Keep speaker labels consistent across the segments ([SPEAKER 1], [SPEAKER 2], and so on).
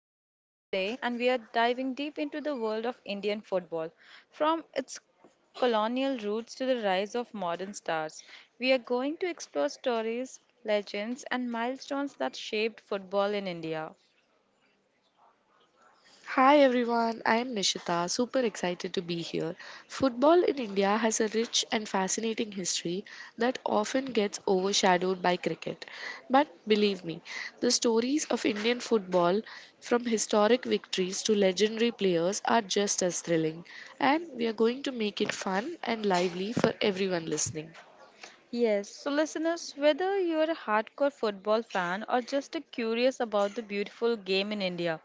[SPEAKER 1] today, and we are diving deep into the world of Indian football. From its colonial roots to the rise of modern stars, we are going to explore stories, legends, and milestones that shaped football in India.
[SPEAKER 2] Hi everyone, I am Nishita, super excited to be here. Football in India has a rich and fascinating history that often gets overshadowed by cricket. But believe me, the stories of Indian football, from historic victories to legendary players, are just as thrilling. And we are going to make it fun and lively for everyone listening.
[SPEAKER 1] Yes, so listeners, whether you're a hardcore football fan or just a curious about the beautiful game in India,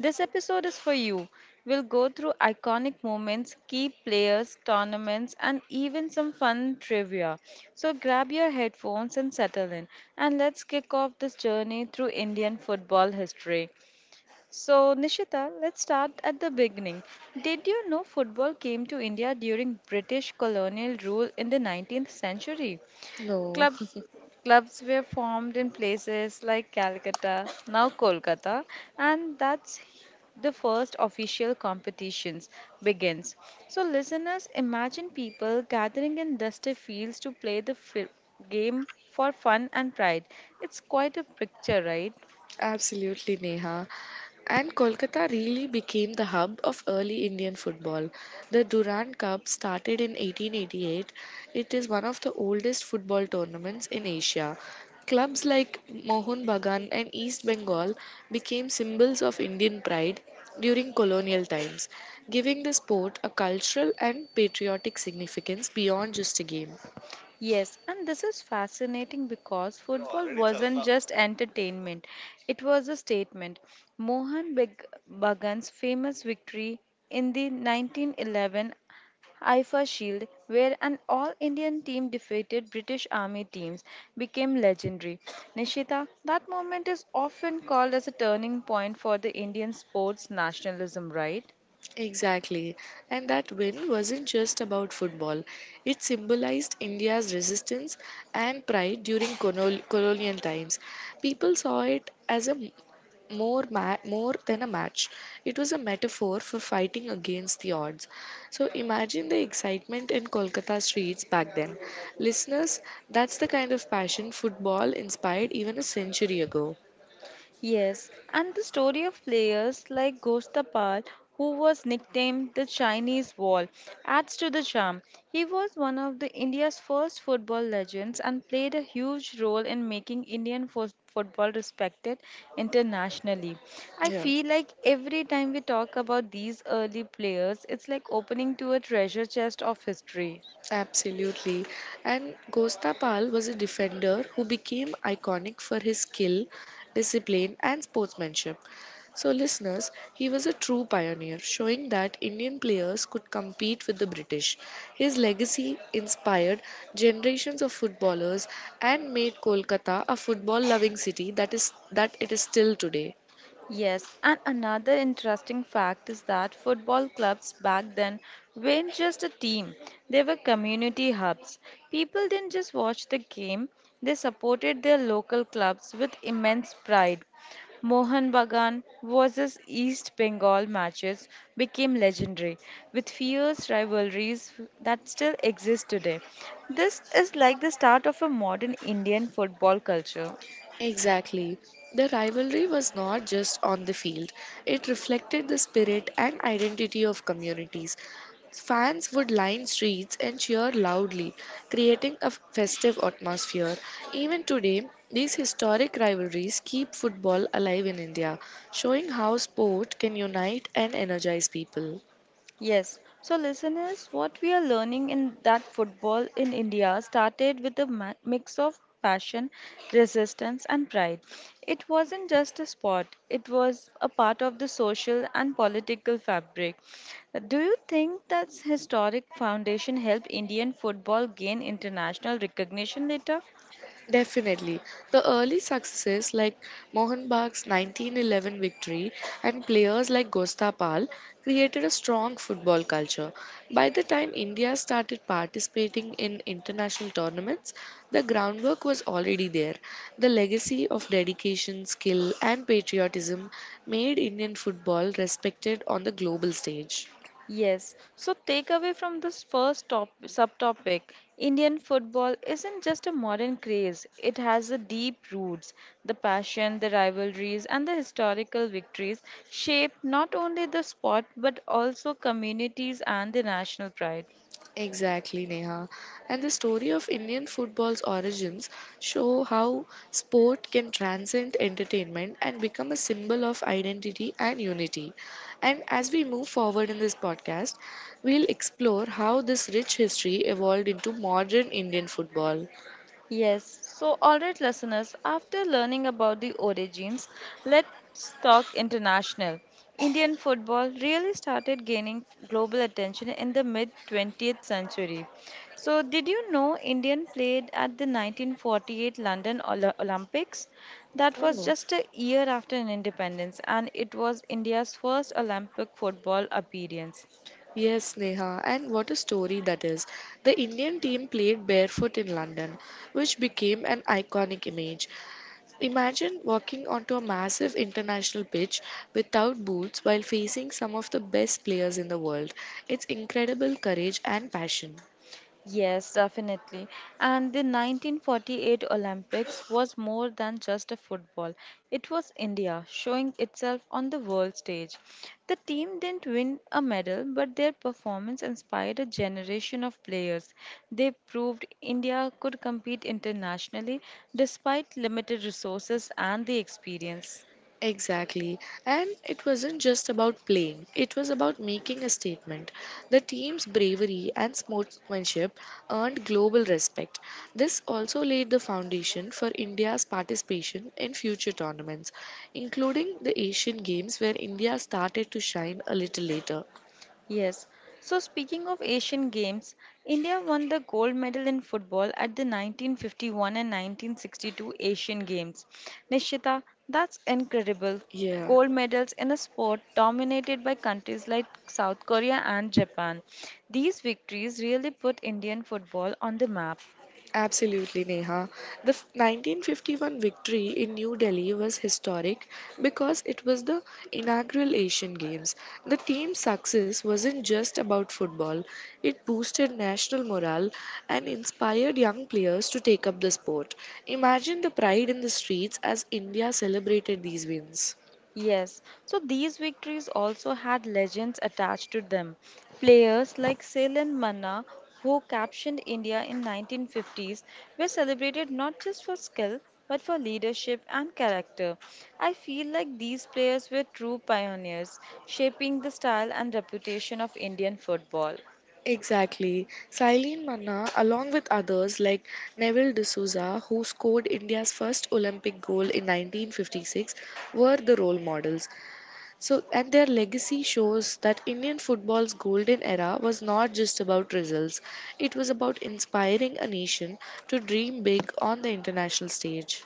[SPEAKER 1] this episode is for you. We'll go through iconic moments, key players, tournaments, and even some fun trivia. So grab your headphones and settle in, and let's kick off this journey through Indian football history. So, Nishita, let's start at the beginning. Did you know football came to India during British colonial rule in the 19th century?
[SPEAKER 2] No.
[SPEAKER 1] Club, Clubs were formed in places like Calcutta, now Kolkata, and that's the first official competitions begins. So listeners, imagine people gathering in dusty fields to play the game for fun and pride. It's quite a picture, right?
[SPEAKER 2] Absolutely, Neha. And Kolkata really became the hub of early Indian football. The Durand Cup started in 1888. It is one of the oldest football tournaments in Asia. Clubs like Mohun Bagan and East Bengal became symbols of Indian pride during colonial times, giving the sport a cultural and patriotic significance beyond just a game.
[SPEAKER 1] Yes, and this is fascinating because football wasn't just entertainment, it was a statement. Bagan's famous victory in the 1911 IFA Shield, where an all Indian team defeated British Army teams, became legendary. Nishita, that moment is often called as a turning point for the Indian sports nationalism, right?
[SPEAKER 2] Exactly. And that win wasn't just about football, it symbolized India's resistance and pride during colonial times. People saw it as a m- more ma- more than a match. It was a metaphor for fighting against the odds. So imagine the excitement in Kolkata streets back then, listeners. That's the kind of passion football inspired even a century ago.
[SPEAKER 1] Yes, and the story of players like Gostapal, who was nicknamed the Chinese Wall, adds to the charm. He was one of the India's first football legends and played a huge role in making Indian football respected internationally. I
[SPEAKER 2] Yeah.
[SPEAKER 1] feel like every time we talk about these early players, it's like opening to a treasure chest of history.
[SPEAKER 2] Absolutely. And Gostapal was a defender who became iconic for his skill, discipline, and sportsmanship. So, listeners, he was a true pioneer, showing that Indian players could compete with the British. His legacy inspired generations of footballers and made Kolkata a football loving city that it is still today.
[SPEAKER 1] Yes, and another interesting fact is that football clubs back then weren't just a team, they were community hubs. People didn't just watch the game, they supported their local clubs with immense pride. Mohan Bagan versus East Bengal matches became legendary, with fierce rivalries that still exist today. This is like the start of a modern Indian football culture.
[SPEAKER 2] Exactly. The rivalry was not just on the field, it reflected the spirit and identity of communities. Fans would line streets and cheer loudly, creating a festive atmosphere. Even today, these historic rivalries keep football alive in India, showing how sport can unite and energize people.
[SPEAKER 1] Yes. So, listeners, what we are learning in that football in India started with a mix of passion, resistance, and pride. It wasn't just a sport, it was a part of the social and political fabric. Do you think that historic foundation helped Indian football gain international recognition later?
[SPEAKER 2] Definitely. The early successes like Mohan Bagh's 1911 victory and players like Gostapal created a strong football culture. By the time India started participating in international tournaments, the groundwork was already there. The legacy of dedication, skill, and patriotism made Indian football respected on the global stage.
[SPEAKER 1] Yes. So takeaway from this first top subtopic, Indian football isn't just a modern craze. It has a deep roots. The passion, the rivalries, and the historical victories shape not only the sport but also communities and the national pride.
[SPEAKER 2] Exactly, Neha. And the story of Indian football's origins show how sport can transcend entertainment and become a symbol of identity and unity. And as we move forward in this podcast, we'll explore how this rich history evolved into modern Indian football.
[SPEAKER 1] Yes, so alright, listeners, after learning about the origins, let's talk international. Indian football really started gaining global attention in the mid 20th century. So, did you know Indian played at the 1948 London Olympics? That
[SPEAKER 2] Oh
[SPEAKER 1] was
[SPEAKER 2] no.
[SPEAKER 1] just a year after an independence, and it was India's first Olympic football appearance.
[SPEAKER 2] Yes, Neha, and what a story that is. The Indian team played barefoot in London, which became an iconic image. Imagine walking onto a massive international pitch without boots while facing some of the best players in the world. It's incredible courage and passion.
[SPEAKER 1] Yes, definitely. And the 1948 Olympics was more than just a football. It was India showing itself on the world stage. The team didn't win a medal, but their performance inspired a generation of players. They proved India could compete internationally despite limited resources and the experience.
[SPEAKER 2] Exactly. And it wasn't just about playing, it was about making a statement. The team's bravery and sportsmanship earned global respect. This also laid the foundation for India's participation in future tournaments, including the Asian Games, where India started to shine a little later.
[SPEAKER 1] Yes. So speaking of Asian Games, India won the gold medal in football at the 1951 and 1962 Asian Games. Nishita, that's incredible.
[SPEAKER 2] Yeah.
[SPEAKER 1] Gold medals in a sport dominated by countries like South Korea and Japan. These victories really put Indian football on the map.
[SPEAKER 2] Absolutely, Neha. The 1951 victory in New Delhi was historic because it was the inaugural Asian Games. The team's success wasn't just about football, it boosted national morale and inspired young players to take up the sport. Imagine the pride in the streets as India celebrated these wins.
[SPEAKER 1] Yes, so these victories also had legends attached to them. Players like Selan Manna, who captioned India in 1950s, were celebrated not just for skill but for leadership and character. I feel like these players were true pioneers, shaping the style and reputation of Indian football.
[SPEAKER 2] Exactly. Sailin Manna, along with others like Neville D'Souza, who scored India's first Olympic goal in 1956, were the role models. So, and their legacy shows that Indian football's golden era was not just about results, it was about inspiring a nation to dream big on the international stage.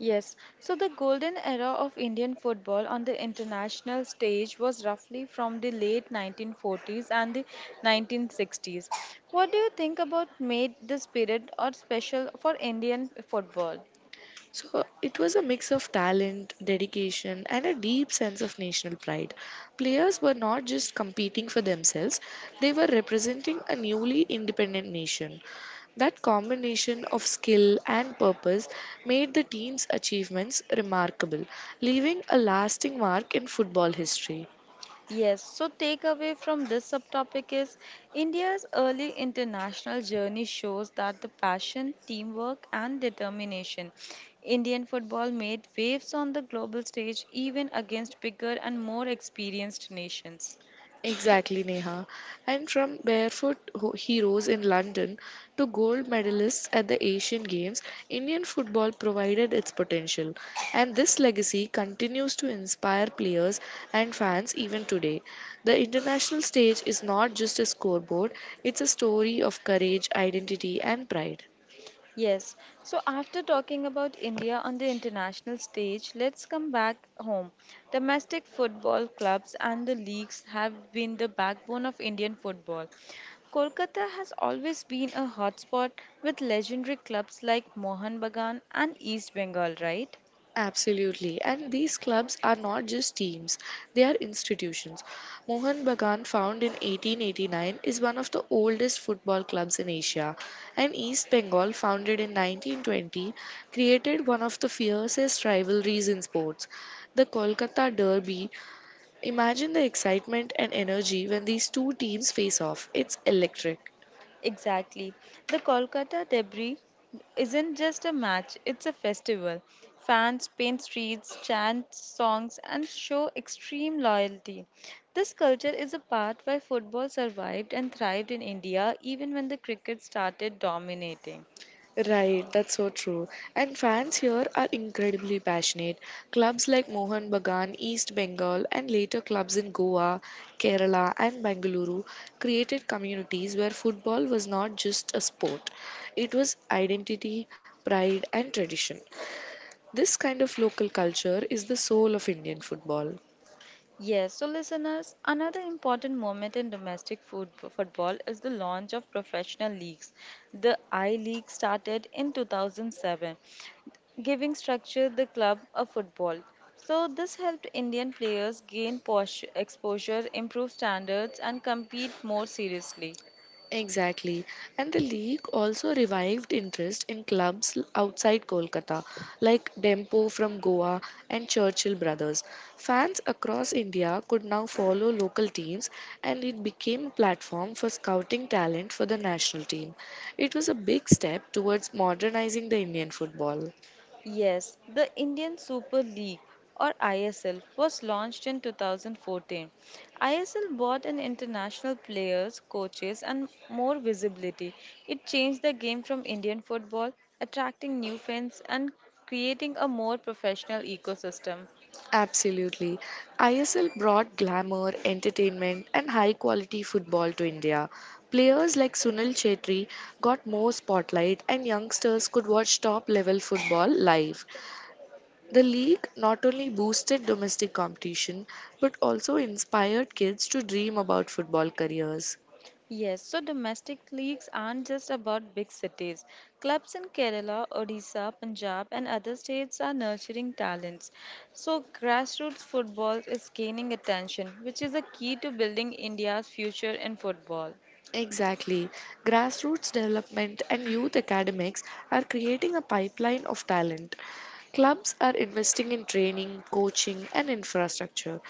[SPEAKER 1] Yes, so the golden era of Indian football on the international stage was roughly from the late 1940s and the 1960s. What do you think about made this period or special for Indian football?
[SPEAKER 2] So it was a mix of talent, dedication, and a deep sense of national pride. Players were not just competing for themselves, they were representing a newly independent nation. That combination of skill and purpose made the team's achievements remarkable, leaving a lasting mark in football history.
[SPEAKER 1] Yes, so takeaway from this subtopic is India's early international journey shows that the passion, teamwork, and determination. Indian football made waves on the global stage even against bigger and more experienced nations.
[SPEAKER 2] Exactly, Neha. And from barefoot heroes in London to gold medalists at the Asian Games, Indian football provided its potential. And this legacy continues to inspire players and fans even today. The international stage is not just a scoreboard, it's a story of courage, identity, and pride.
[SPEAKER 1] Yes. So after talking about India on the international stage, let's come back home. Domestic football clubs and the leagues have been the backbone of Indian football. Kolkata has always been a hotspot with legendary clubs like Mohan Bagan and East Bengal, right?
[SPEAKER 2] Absolutely. And these clubs are not just teams, they are institutions. Mohan Bagan, found in 1889, is one of the oldest football clubs in Asia. And East Bengal, founded in 1920, created one of the fiercest rivalries in sports, the Kolkata Derby. Imagine the excitement and energy when these two teams face off. It's electric.
[SPEAKER 1] Exactly. The Kolkata debris isn't just a match, it's a festival. Fans paint streets, chant songs, and show extreme loyalty. This culture is a part why football survived and thrived in India even when the cricket started dominating.
[SPEAKER 2] Right, that's so true. And fans here are incredibly passionate. Clubs like Mohan Bagan, East Bengal, and later clubs in Goa, Kerala, and Bengaluru created communities where football was not just a sport, it was identity, pride, and tradition. This kind of local culture is the soul of Indian football.
[SPEAKER 1] Yes, so listeners, another important moment in domestic football is the launch of professional leagues. The I League started in 2007 giving structure the club a football. So this helped Indian players gain posh exposure, improve standards and compete more seriously.
[SPEAKER 2] Exactly. And the league also revived interest in clubs outside Kolkata, like Dempo from Goa and Churchill Brothers. Fans across India could now follow local teams, and it became a platform for scouting talent for the national team. It was a big step towards modernizing the Indian football.
[SPEAKER 1] Yes, the Indian Super League or ISL was launched in 2014. ISL brought in international players, coaches and more visibility. It changed the game from Indian football, attracting new fans and creating a more professional ecosystem.
[SPEAKER 2] Absolutely. ISL brought glamour, entertainment, and high quality football to India. Players like Sunil Chetri got more spotlight, and youngsters could watch top level football live. The league not only boosted domestic competition but also inspired kids to dream about football careers.
[SPEAKER 1] Yes, so domestic leagues aren't just about big cities. Clubs in Kerala, Odisha, Punjab, and other states are nurturing talents. So, grassroots football is gaining attention, which is a key to building India's future in football.
[SPEAKER 2] Exactly. Grassroots development and youth academics are creating a pipeline of talent. Clubs are investing in training, coaching, and infrastructure.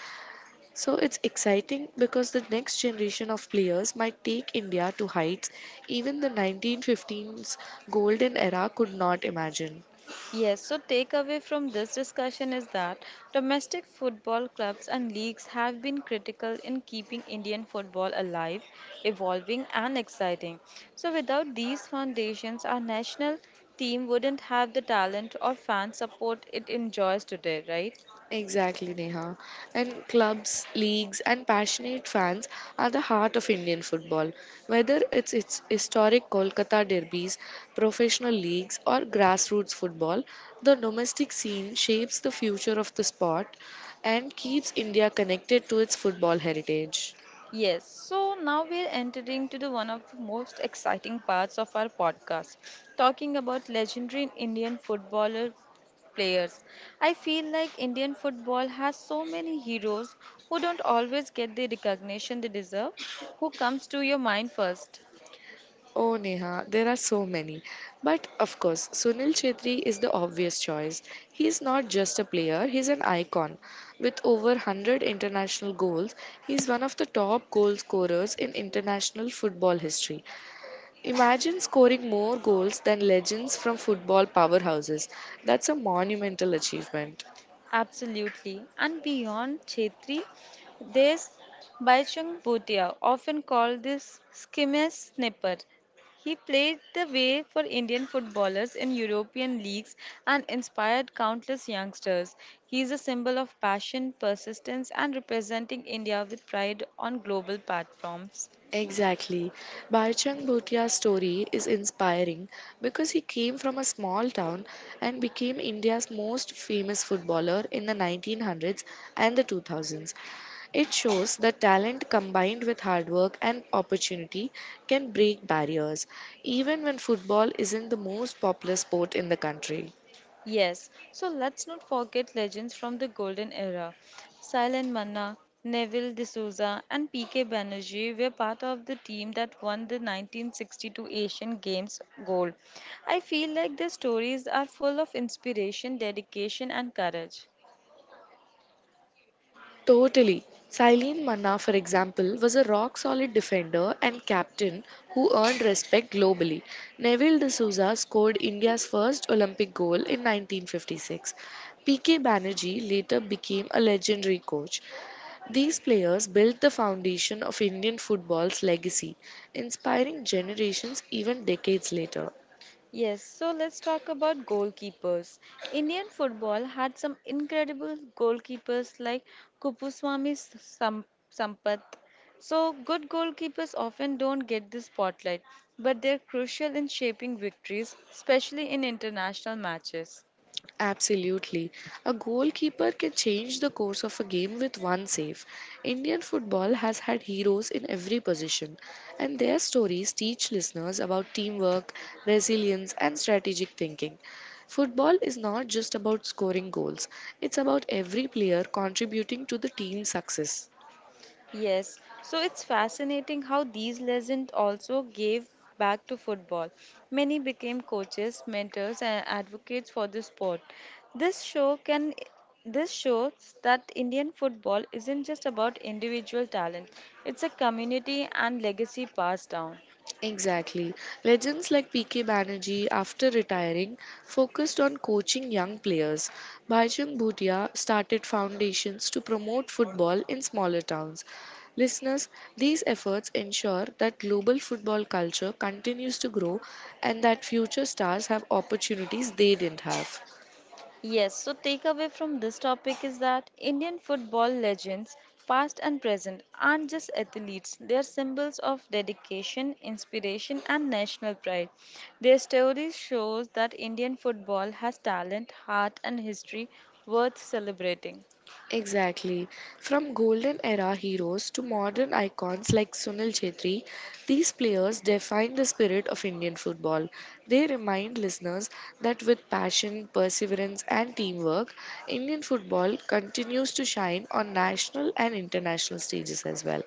[SPEAKER 2] So it's exciting because the next generation of players might take India to heights even the 1915's golden era could not imagine.
[SPEAKER 1] Yes, so takeaway from this discussion is that domestic football clubs and leagues have been critical in keeping Indian football alive, evolving, and exciting. So, without these foundations, our national team wouldn't have the talent or fan support it enjoys today, right?
[SPEAKER 2] Exactly, Neha. And clubs, leagues, and passionate fans are the heart of Indian football. Whether it's its historic Kolkata derbies, professional leagues, or grassroots football, the domestic scene shapes the future of the sport and keeps India connected to its football heritage.
[SPEAKER 1] Yes, so now we're entering to the one of the most exciting parts of our podcast, talking about legendary Indian footballer players. I feel like Indian football has so many heroes who don't always get the recognition they deserve. Who comes to your mind first?
[SPEAKER 2] Oh, Neha, there are so many. But of course, Sunil Chetri is the obvious choice. He is not just a player, he's an icon. With over 100 international goals, he's one of the top goal scorers in international football history. Imagine scoring more goals than legends from football powerhouses. That's a monumental achievement.
[SPEAKER 1] Absolutely. And beyond Chetri, there's Baichung Bhutia, often called this skimmer snipper. He played the way for Indian footballers in European leagues and inspired countless youngsters. He is a symbol of passion, persistence, and representing India with pride on global platforms.
[SPEAKER 2] Exactly. Bhaichan Bhutia's story is inspiring because he came from a small town and became India's most famous footballer in the 1900s and the 2000s. It shows that talent combined with hard work and opportunity can break barriers, even when football isn't the most popular sport in the country.
[SPEAKER 1] Yes, so let's not forget legends from the golden era. Silent Manna, Neville D'Souza, and PK Banerjee were part of the team that won the 1962 Asian Games gold. I feel like their stories are full of inspiration, dedication, and courage.
[SPEAKER 2] Totally. Silene Manna, for example, was a rock solid defender and captain who earned respect globally. Neville D'Souza scored India's first Olympic goal in 1956. PK Banerjee later became a legendary coach. These players built the foundation of Indian football's legacy, inspiring generations even decades later.
[SPEAKER 1] Yes, so let's talk about goalkeepers. Indian football had some incredible goalkeepers like Kupuswamy Sampath. So, good goalkeepers often don't get the spotlight, but they're crucial in shaping victories, especially in international matches.
[SPEAKER 2] Absolutely. A goalkeeper can change the course of a game with one save. Indian football has had heroes in every position, and their stories teach listeners about teamwork, resilience, and strategic thinking. Football is not just about scoring goals, it's about every player contributing to the team's success.
[SPEAKER 1] Yes, so it's fascinating how these legends also gave back to football. Many became coaches, mentors, and advocates for the sport. This show can this shows that Indian football isn't just about individual talent. It's a community and legacy passed down.
[SPEAKER 2] Exactly. Legends like PK Banerjee, after retiring, focused on coaching young players. Bhajrang Bhutia started foundations to promote football in smaller towns. Listeners, these efforts ensure that global football culture continues to grow and that future stars have opportunities they didn't have.
[SPEAKER 1] Yes, so takeaway from this topic is that Indian football legends, past and present, aren't just athletes. They are symbols of dedication, inspiration, and national pride. Their stories shows that Indian football has talent, heart, and history worth celebrating.
[SPEAKER 2] Exactly. From golden era heroes to modern icons like Sunil Chhetri, these players define the spirit of Indian football. They remind listeners that with passion, perseverance, and teamwork, Indian football continues to shine on national and international stages as well.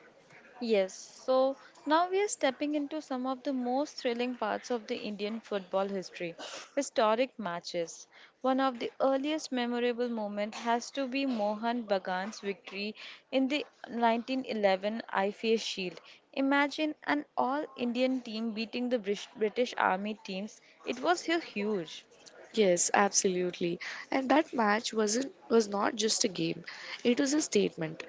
[SPEAKER 1] Yes, so now we are stepping into some of the most thrilling parts of the Indian football history historic matches. One of the earliest memorable moments has to be Mohan Bagan's victory in the 1911 IFA Shield. Imagine an all Indian team beating the British Army teams, it was huge.
[SPEAKER 2] Yes, absolutely. And that match was not just a game. It was a statement.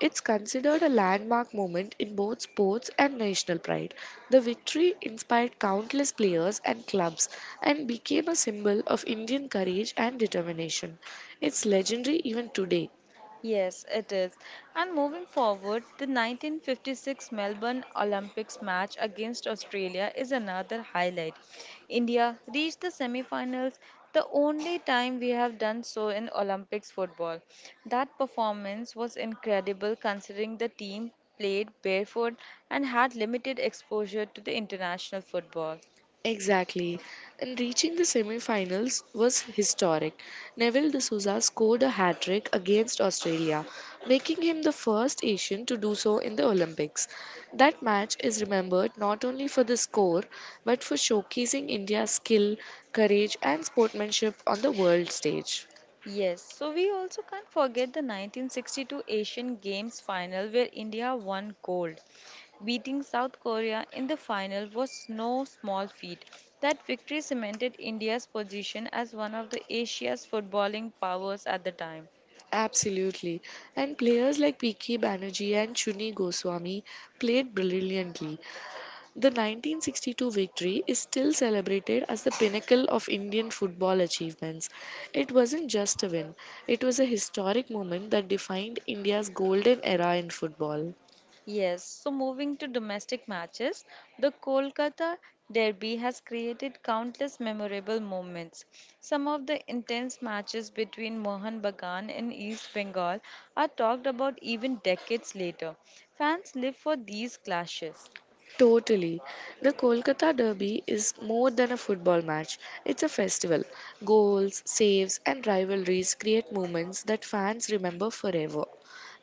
[SPEAKER 2] It's considered a landmark moment in both sports and national pride. The victory inspired countless players and clubs and became a symbol of Indian courage and determination. It's legendary even today.
[SPEAKER 1] Yes, it is. And moving forward, the 1956 Melbourne Olympics match against Australia is another highlight. India reached the semi-finals, the only time we have done so in Olympics football. That performance was incredible considering the team played barefoot and had limited exposure to the international football.
[SPEAKER 2] Exactly. And reaching the semi-finals was historic. Neville D'Souza scored a hat-trick against Australia, making him the first Asian to do so in the Olympics. That match is remembered not only for the score, but for showcasing India's skill, courage and sportsmanship on the world stage.
[SPEAKER 1] Yes, so we also can't forget the 1962 Asian Games final where India won gold. Beating South Korea in the final was no small feat. That victory cemented India's position as one of the Asia's footballing powers at the time.
[SPEAKER 2] Absolutely. And players like PK. Banerjee and Chuni Goswami played brilliantly. The 1962 victory is still celebrated as the pinnacle of Indian football achievements. It wasn't just a win, it was a historic moment that defined India's golden era in football.
[SPEAKER 1] Yes, so moving to domestic matches, the Kolkata Derby has created countless memorable moments. Some of the intense matches between Mohan Bagan and East Bengal are talked about even decades later. Fans live for these clashes.
[SPEAKER 2] Totally. The Kolkata Derby is more than a football match. It's a festival. Goals, saves, and rivalries create moments that fans remember forever.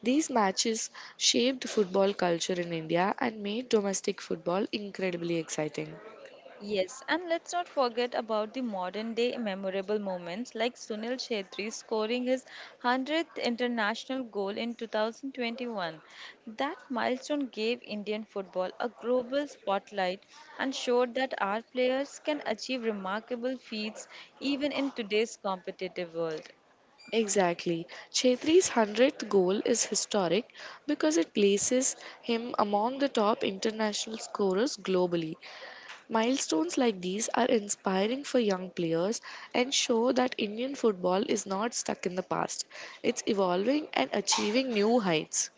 [SPEAKER 2] These matches shaped football culture in India and made domestic football incredibly exciting.
[SPEAKER 1] Yes, and let's not forget about the modern day memorable moments like Sunil Chhetri scoring his 100th international goal in 2021. That milestone gave Indian football a global spotlight and showed that our players can achieve remarkable feats even in today's competitive world.
[SPEAKER 2] Exactly. Chetri's 100th goal is historic because it places him among the top international scorers globally. Milestones like these are inspiring for young players and show that Indian football is not stuck in the past. It's evolving and achieving new heights.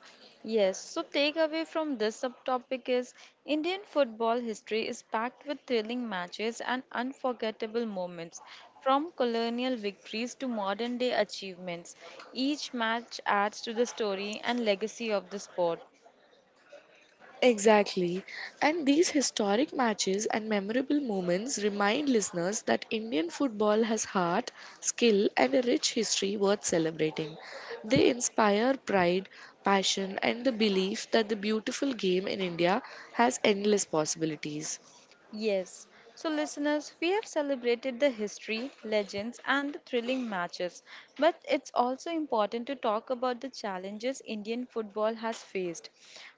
[SPEAKER 1] Yes, so takeaway from this subtopic is Indian football history is packed with thrilling matches and unforgettable moments, from colonial victories to modern day achievements. Each match adds to the story and legacy of the sport.
[SPEAKER 2] Exactly. And these historic matches and memorable moments remind listeners that Indian football has heart, skill, and a rich history worth celebrating. They inspire pride, passion, and the belief that the beautiful game in India has endless possibilities.
[SPEAKER 1] Yes. So, listeners, we have celebrated the history, legends, and the thrilling matches. But it's also important to talk about the challenges Indian football has faced.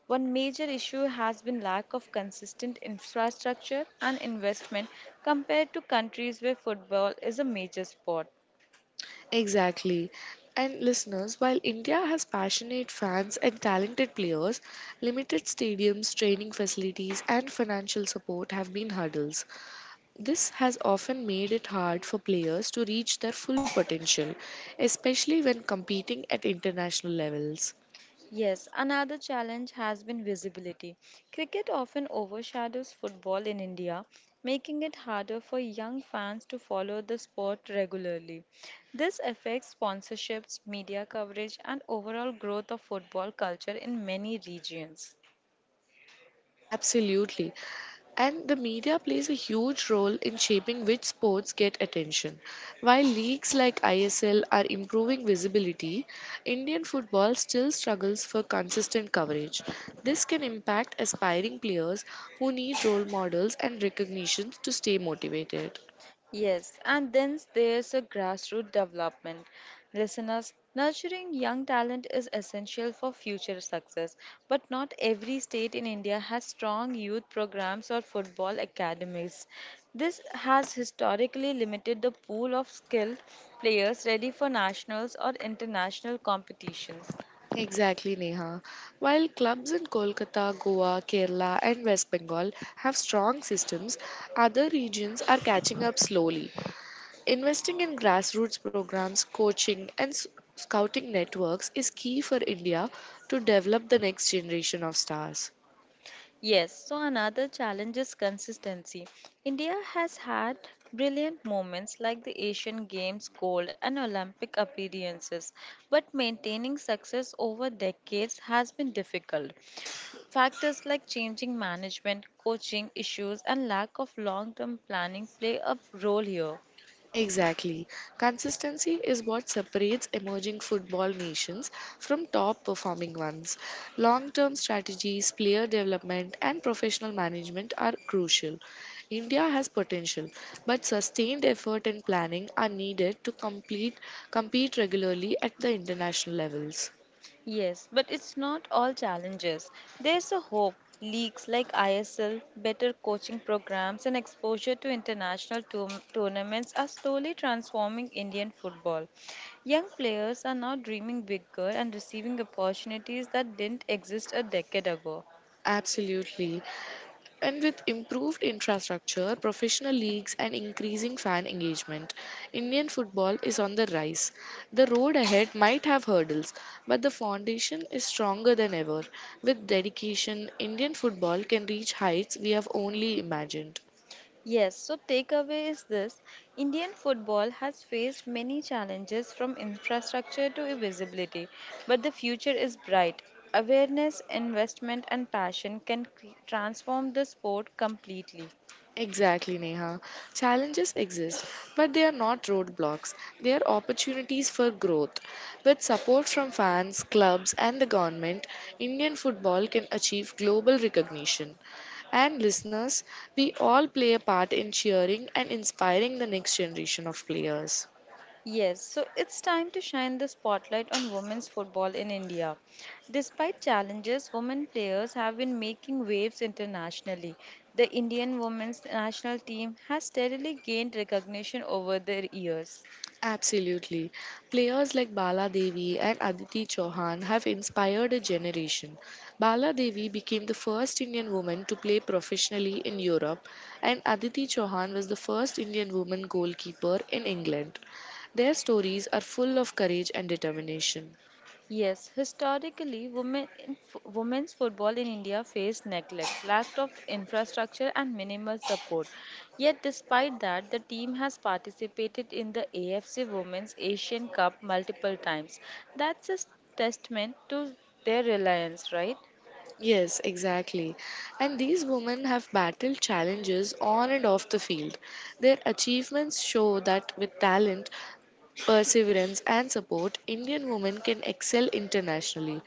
[SPEAKER 1] One major issue has been lack of consistent infrastructure and investment compared to countries where football is a major sport.
[SPEAKER 2] Exactly. And listeners, while India has passionate fans and talented players, limited stadiums, training facilities, and financial support have been hurdles. This has often made it hard for players to reach their full potential, especially when competing at international levels.
[SPEAKER 1] Yes, another challenge has been visibility. Cricket often overshadows football in India, making it harder for young fans to follow the sport regularly. This affects sponsorships, media coverage, and overall growth of football culture in many regions.
[SPEAKER 2] Absolutely. And the media plays a huge role in shaping which sports get attention. While leagues like ISL are improving visibility, Indian football still struggles for consistent coverage. This can impact aspiring players who need role models and recognition to stay motivated.
[SPEAKER 1] Yes, and then there's a grassroots development. Listeners, nurturing young talent is essential for future success, but not every state in India has strong youth programs or football academies. This has historically limited the pool of skilled players ready for nationals or international competitions.
[SPEAKER 2] Exactly, Neha. While clubs in Kolkata, Goa, Kerala, and West Bengal have strong systems, other regions are catching up slowly. Investing in grassroots programs, coaching, and scouting networks is key for India to develop the next generation of stars.
[SPEAKER 1] Yes, so another challenge is consistency. India has had brilliant moments like the Asian Games gold and Olympic appearances, but maintaining success over decades has been difficult. Factors like changing management, coaching issues, and lack of long term planning play a role here.
[SPEAKER 2] Exactly. Consistency is what separates emerging football nations from top performing ones. Long term strategies, player development, and professional management are crucial. India has potential, but sustained effort and planning are needed to compete regularly at the international levels.
[SPEAKER 1] Yes, but it's not all challenges. There's a hope. Leagues like ISL, better coaching programs, and exposure to international tournaments are slowly transforming Indian football. Young players are now dreaming bigger and receiving opportunities that didn't exist a decade ago.
[SPEAKER 2] Absolutely. And with improved infrastructure, professional leagues, and increasing fan engagement, Indian football is on the rise. The road ahead might have hurdles, but the foundation is stronger than ever. With dedication, Indian football can reach heights we have only imagined.
[SPEAKER 1] Yes, so takeaway is this: Indian football has faced many challenges from infrastructure to visibility, but the future is bright. Awareness, investment, and passion can transform the sport completely.
[SPEAKER 2] Exactly, Neha. Challenges exist, but they are not roadblocks. They are opportunities for growth. With support from fans, clubs, and the government, Indian football can achieve global recognition. And listeners, we all play a part in cheering and inspiring the next generation of players.
[SPEAKER 1] Yes, so it's time to shine the spotlight on women's football in India. Despite challenges, women players have been making waves internationally. The Indian women's national team has steadily gained recognition over the years.
[SPEAKER 2] Absolutely. Players like Bala Devi and Aditi Chauhan have inspired a generation. Bala Devi became the first Indian woman to play professionally in Europe, and Aditi Chauhan was the first Indian woman goalkeeper in England. Their stories are full of courage and determination.
[SPEAKER 1] Yes, historically, women's football in India faced neglect, lack of infrastructure, and minimal support. Yet, despite that, the team has participated in the AFC Women's Asian Cup multiple times. That's a testament to their reliance, right?
[SPEAKER 2] Yes, exactly. And these women have battled challenges on and off the field. Their achievements show that with talent, perseverance, and support, Indian women can excel internationally.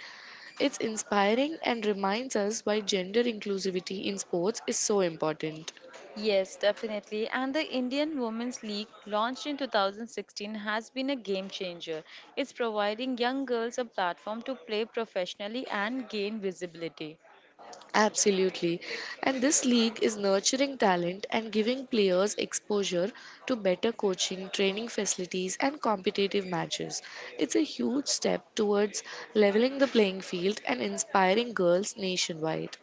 [SPEAKER 2] It's inspiring and reminds us why gender inclusivity in sports is so important.
[SPEAKER 1] Yes, definitely. And the Indian Women's League, launched in 2016, has been a game changer. It's providing young girls a platform to play professionally and gain visibility.
[SPEAKER 2] Absolutely. And this league is nurturing talent and giving players exposure to better coaching, training facilities, and competitive matches. It's a huge step towards leveling the playing field and inspiring girls nationwide.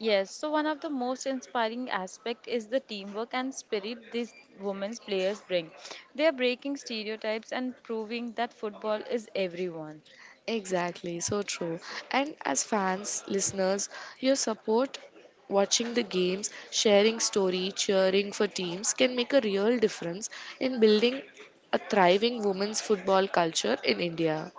[SPEAKER 1] Yes, so one of the most inspiring aspect is the teamwork and spirit these women's players bring. They are breaking stereotypes and proving that football is everyone.
[SPEAKER 2] Exactly, so true. And as fans, listeners, your support watching the games, sharing story, cheering for teams can make a real difference in building a thriving women's football culture in India.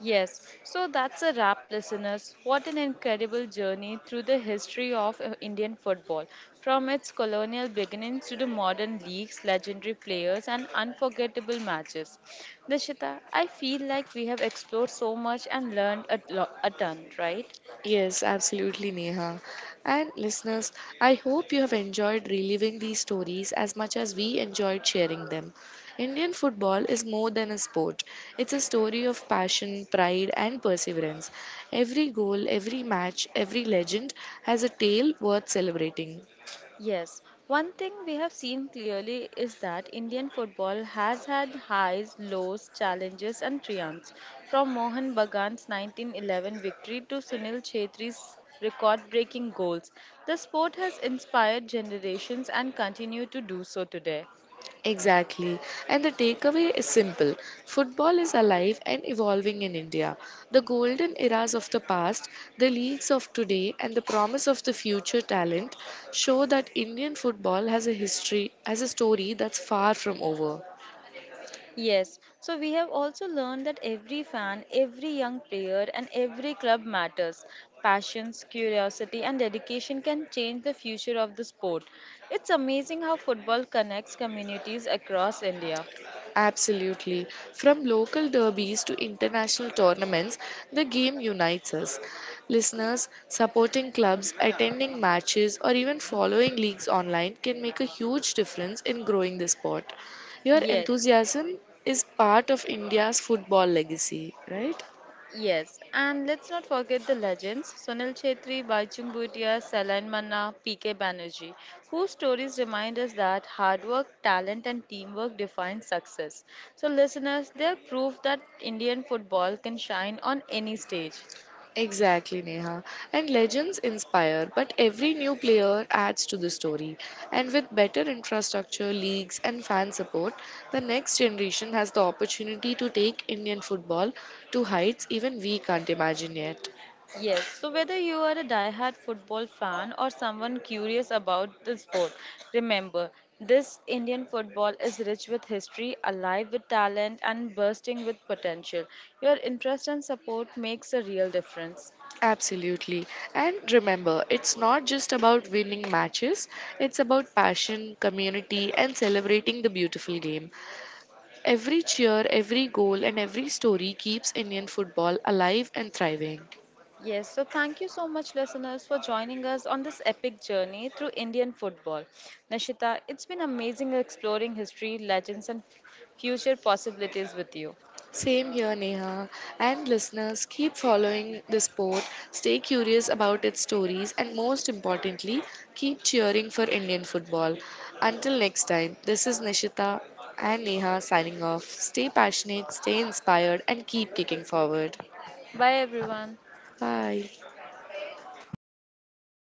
[SPEAKER 1] Yes, so that's a wrap, listeners. What an incredible journey through the history of Indian football, from its colonial beginnings to the modern leagues, legendary players, and unforgettable matches. Dishita, I feel like we have explored so much and learned a ton, right?
[SPEAKER 2] Yes, absolutely, Neha. And listeners, I hope you have enjoyed reliving these stories as much as we enjoyed sharing them. Indian football is more than a sport, it's a story of passion, pride, and perseverance. Every goal, every match, every legend has a tale worth celebrating.
[SPEAKER 1] Yes, one thing we have seen clearly is that Indian football has had highs, lows, challenges, and triumphs. From Mohan Bagan's 1911 victory to Sunil Chhetri's record breaking goals, the sport has inspired generations and continues to do so today.
[SPEAKER 2] Exactly. And the takeaway is simple. Football is alive and evolving in India. The golden eras of the past, the leagues of today, and the promise of the future talent show that Indian football has a history, has a story that's far from over.
[SPEAKER 1] Yes, so we have also learned that every fan, every young player, and every club matters. Passions, curiosity, and dedication can change the future of the sport. It's amazing how football connects communities across India.
[SPEAKER 2] Absolutely. From local derbies to international tournaments, the game unites us. Listeners, supporting clubs, attending matches, or even following leagues online can make a huge difference in growing the sport. Your
[SPEAKER 1] Yes.
[SPEAKER 2] enthusiasm is part of India's football legacy, right?
[SPEAKER 1] Yes, and let's not forget the legends Sonal Chetri, Baichung Bhutia, Salain Manna, PK Banerjee, whose stories remind us that hard work, talent, and teamwork define success. So, listeners, they're proof that Indian football can shine on any stage.
[SPEAKER 2] Exactly, Neha. And legends inspire, but every new player adds to the story. And with better infrastructure, leagues, and fan support, the next generation has the opportunity to take Indian football to heights even we can't imagine yet.
[SPEAKER 1] Yes, so whether you are a diehard football fan or someone curious about the sport, remember this: Indian football is rich with history, alive with talent, and bursting with potential. Your interest and support makes a real difference.
[SPEAKER 2] Absolutely. And remember, it's not just about winning matches, it's about passion, community, and celebrating the beautiful game. Every cheer, every goal, and every story keeps Indian football alive and thriving.
[SPEAKER 1] Yes, so thank you so much, listeners, for joining us on this epic journey through Indian football. Nashita, it's been amazing exploring history, legends, and future possibilities with you.
[SPEAKER 2] Same here, Neha. And listeners, keep following the sport, stay curious about its stories, and most importantly, keep cheering for Indian football. Until next time, this is Nishita and Neha signing off. Stay passionate, stay inspired, and keep kicking forward.
[SPEAKER 1] Bye, everyone.
[SPEAKER 2] Bye.